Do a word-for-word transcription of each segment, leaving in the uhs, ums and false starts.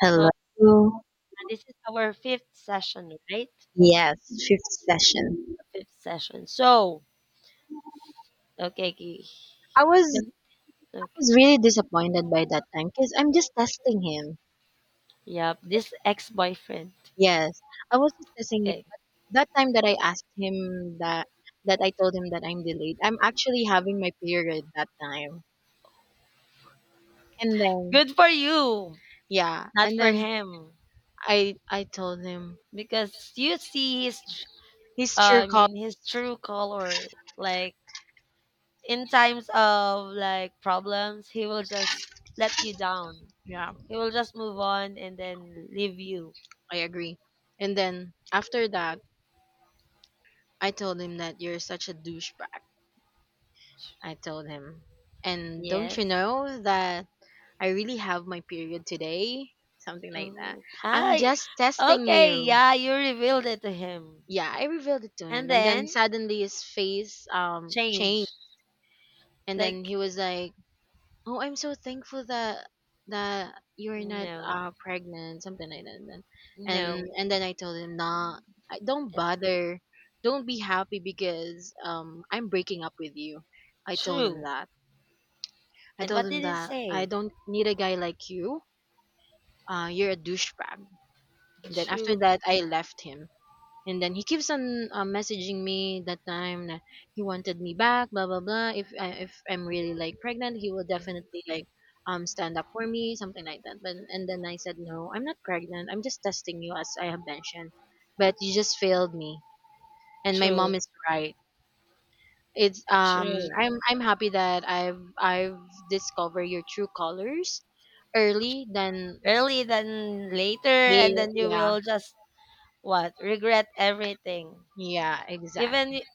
So Hello. uh, this is our fifth session, right? Yes, fifth session. Fifth session. So okay, okay. I was Can- I okay. was really disappointed by that time because I'm just testing him. Yep. This ex-boyfriend. Yes, I was just testing him. Okay. That time that I asked him that that I told him that I'm delayed. I'm actually having my period that time, and then Good for you, yeah, not and for then him, I I told him because you see his, tr- his uh, true I call. mean his true color. Like in times of like problems, he will just let you down. Yeah, He will just move on and then leave you. I agree. And then after that, I told him that you're such a douchebag. I told him, and don't Yes. you know that I really have my period today, something like that. Oh, I'm I just testing okay. you. Yeah, you revealed it to him. Yeah, I revealed it to And him, and then then suddenly his face um changed, change. and Like, then he was like, "Oh, I'm so thankful that that you're not no, uh pregnant," something like that. And then, and no, and then I told him, "Nah, I, don't uh, bother, don't be happy because um I'm breaking up with you." I told him true. that. I And told what him did it that I say? don't need a guy like you. Uh, you're a douchebag. Then after True, that, I left him. And then he keeps on uh, messaging me that time that he wanted me back, blah blah blah. If I, if I'm really like pregnant, he will mm, definitely like um stand up for me, something like that. But and then I said no, I'm not pregnant. I'm just testing you, as I have mentioned. But you just failed me, and my true, mom is right. It's um true. I'm I'm happy that I've I've discovered your true colors early than Early than later, and yeah, then you yeah, will just what regret everything. yeah, Even exactly. y-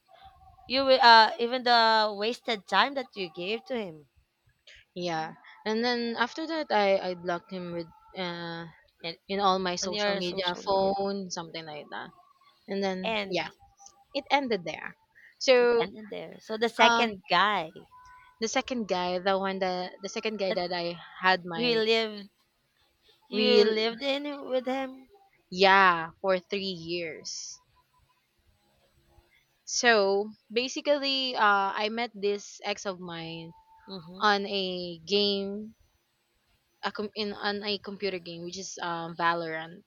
you, will, uh, even the wasted time that you gave to him Yeah. And then after that I I blocked him with uh and in all my on social your media, social media, phone, something like that. And then and yeah, it ended there. it So ended there. So the um second guy the second guy, the one that the second guy that that I had you my lived, you we lived in with him. yeah, for three years. So basically uh I met this ex of mine Hmm. on a game a com- in on a computer game which is um Valorant,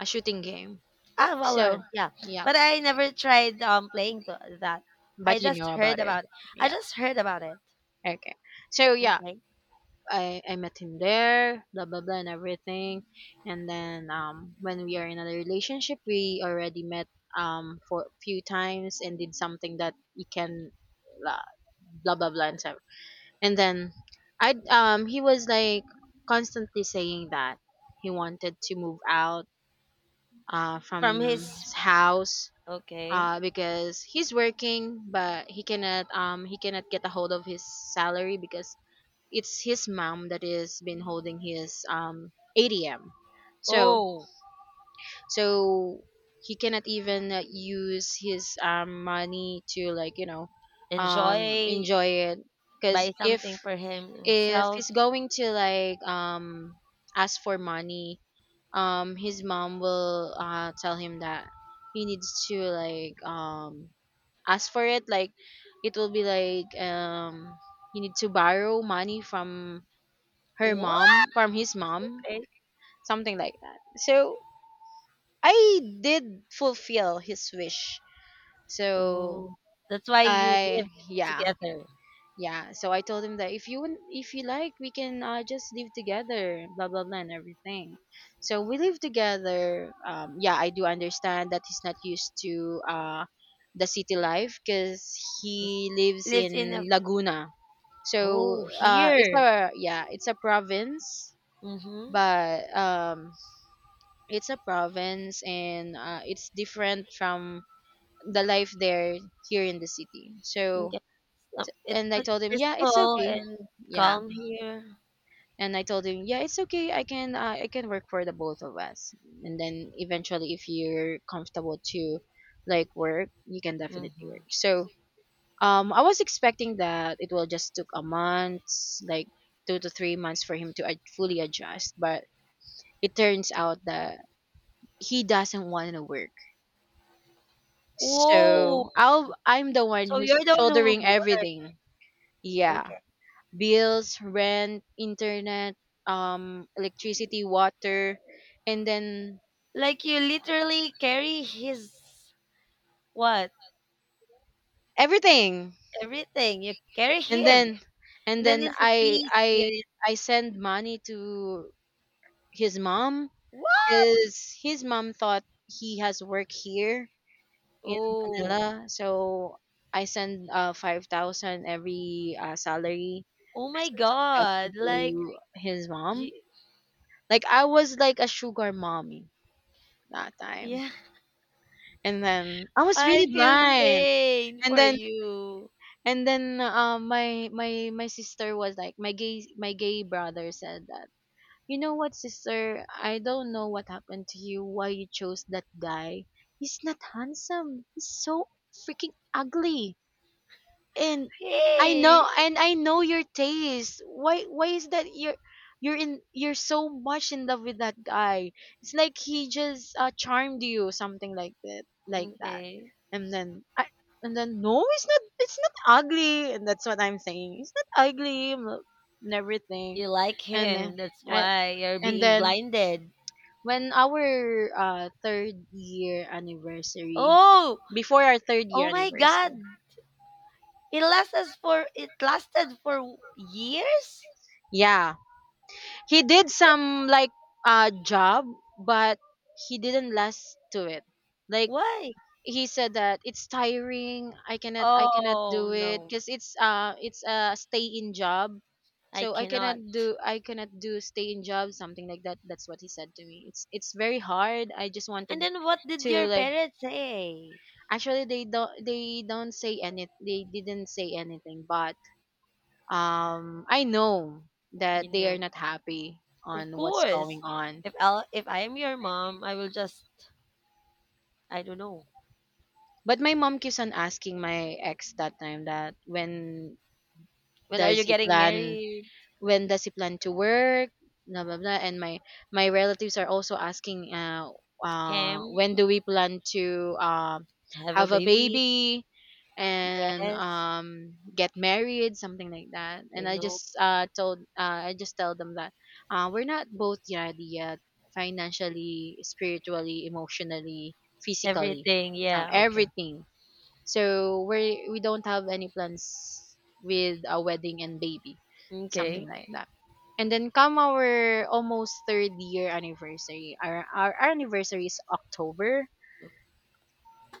a shooting game. Ah, So Valorant, yeah. yeah. But I never tried um playing th- that. I But you just know about heard it. about I Yeah. just heard about it. Okay. So yeah, Okay. I I met him there, blah blah blah, and everything. And then um, when we are in a relationship, we already met um for a few times and did something that he can, blah blah blah, blah and stuff. And then I um he was like constantly saying that he wanted to move out uh from From his his house, okay. uh, because he's working but he cannot um he cannot get a hold of his salary because it's his mom that is been holding his um A T M. So Oh, so he cannot even uh, use his um money to, like, you know, um enjoy enjoy it because buy if something for if himself. he's going to like um ask for money, um his mom will uh tell him that he needs to like um ask for it, like it will be like um you need to borrow money from her What? mom, from his mom, Okay. something like that. So I did fulfill his wish. So Oh, that's why you I live Yeah, together. yeah, so I told him that if you want- if you like, we can, uh, just live together, blah blah blah, and everything. So we live together. Um, yeah, I do understand that he's not used to, uh, the city life because He he lives lives in a in Laguna. So oh uh, it's here. a yeah, it's a province, Mhm. but um, it's a province and, uh, it's different from the life there, here in the city. So Okay. So it's and I like told him, yeah, it's peaceful okay. and Yeah, calm here. and I told him, "Yeah, it's okay. I can uh, I can work for the both of us." And then eventually, if you're comfortable to like work, you can definitely Mhm. work. So um, I was expecting that it will just took a month, like two to three months for him to ad- fully adjust, but it turns out that he doesn't want to work. Whoa. So I'll I'm the one So you're who's the one shouldering who worked. everything. Yeah. Okay. Bills, rent, internet, um, electricity, water, and then Like you literally carry his what? everything. Everything. You carry And him. then and And then then he's a I free I spirit. I send money to his mom What? because his mom thought he has work here in Oh. Manila. So I send uh five thousand every, uh, salary. Oh I my send five thousand god. Like to his mom. y- Like I was like a sugar mommy that time. yeah. And then I was I really feel blind. pain And for then you. and then um my my my sister was like my gay my gay brother said that, "You know what, sister? I don't know what happened to you, why you chose that guy. He's not handsome. He's so freaking ugly." And I Hey. know, and I know your taste. Why why is that you're you're in you're so much in love with that guy? It's like he just, uh, charmed you, something like that, like that. Okay. And then I and then no, it's not, it's not ugly, and that's what I'm saying. It's not ugly, m- and everything. You like And then him. That's I, why you're and being then blinded. When our uh third year anniversary, Oh. before our third year Oh my god. anniversary, It lasted for it lasted for years? yeah. He did some like uh job, but he didn't last to it. Like Why? he said that it's tiring. I cannot I cannot Oh do it no. because it's uh it's a stay in job. I So I cannot cannot. do I cannot do stay in job, something like that. That's what he said to me. It's it's very hard. I just And wanted then what did to, your like, parents say? actually they don't they don't say any, they didn't say anything, but um I know that You they are know, not happy of on what's going course. on. If I if I am your mom, I will just I don't know. But my mom keeps on asking my ex that time that when When are does you he getting plan married? when does he plan to work, blah blah blah, and my my relatives are also asking uh uh Him? when do we plan to uh Have a have a baby? baby and Yes. um get married, something like that, and I I know. just uh told uh I just tell them that uh we're not both ready yet, financially, spiritually, emotionally, physically, Everything. uh, Yeah, okay. everything. So we we don't have any plans with a wedding and baby, something Okay. like that. And then come our almost third year anniversary. Our our anniversary is October,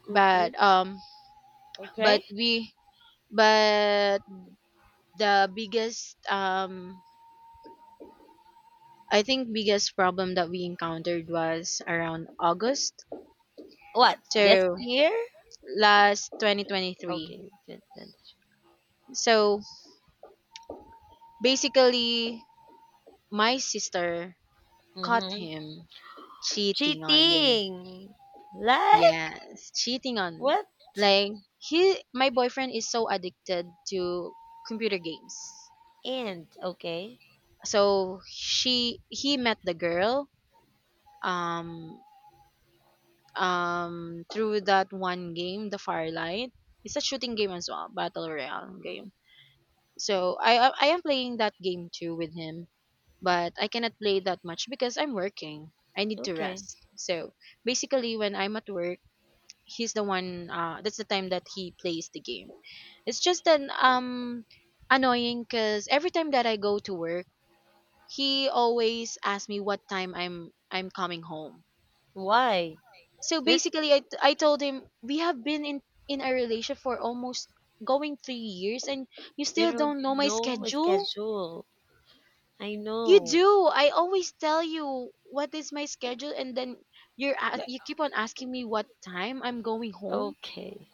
Okay. but um but Okay. we but the biggest, um I think, biggest problem that we encountered was around August. What? This So year? last twenty twenty-three. Okay. So basically my sister caught Mm-hmm. him cheating on me. Cheating. Like Yes, cheating on me. what? Like he my boyfriend is so addicted to computer games. And okay. So she he met the girl um um through that one game, the Firelight. It's a shooting game as well, battle royale game. So I I I am playing that game too with him, but I cannot play that much because I'm working. I need to Okay. rest. So basically when I'm at work, he's the one, uh that's the time that he plays the game. It's just an um annoying because every time that I go to work, he always asks me what time i'm I'm coming home. Why? So Which basically i, I told him we have been in in a relationship for almost going three years, and you you still don't don't know my know a schedule. schedule. I You know. do, I always tell you what is my schedule, and then you're a- Yeah. you keep on asking me what time I'm going home. Okay.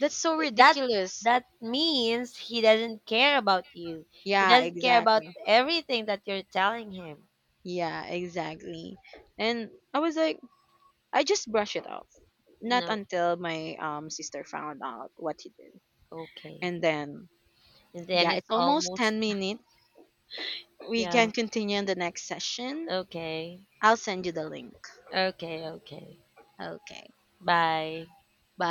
That's so That ridiculous. that means he doesn't care about you. He Yeah, doesn't care about exactly. everything that you're telling him. Yeah, exactly. And I was like, I just brushed it off. Not No. until my um sister found out what he did. Okay. And then, And then yeah, it's it's almost almost ten minutes. We yeah. can continue in the next session. Okay. I'll send you the link. Okay, okay. Okay. Bye. Bye.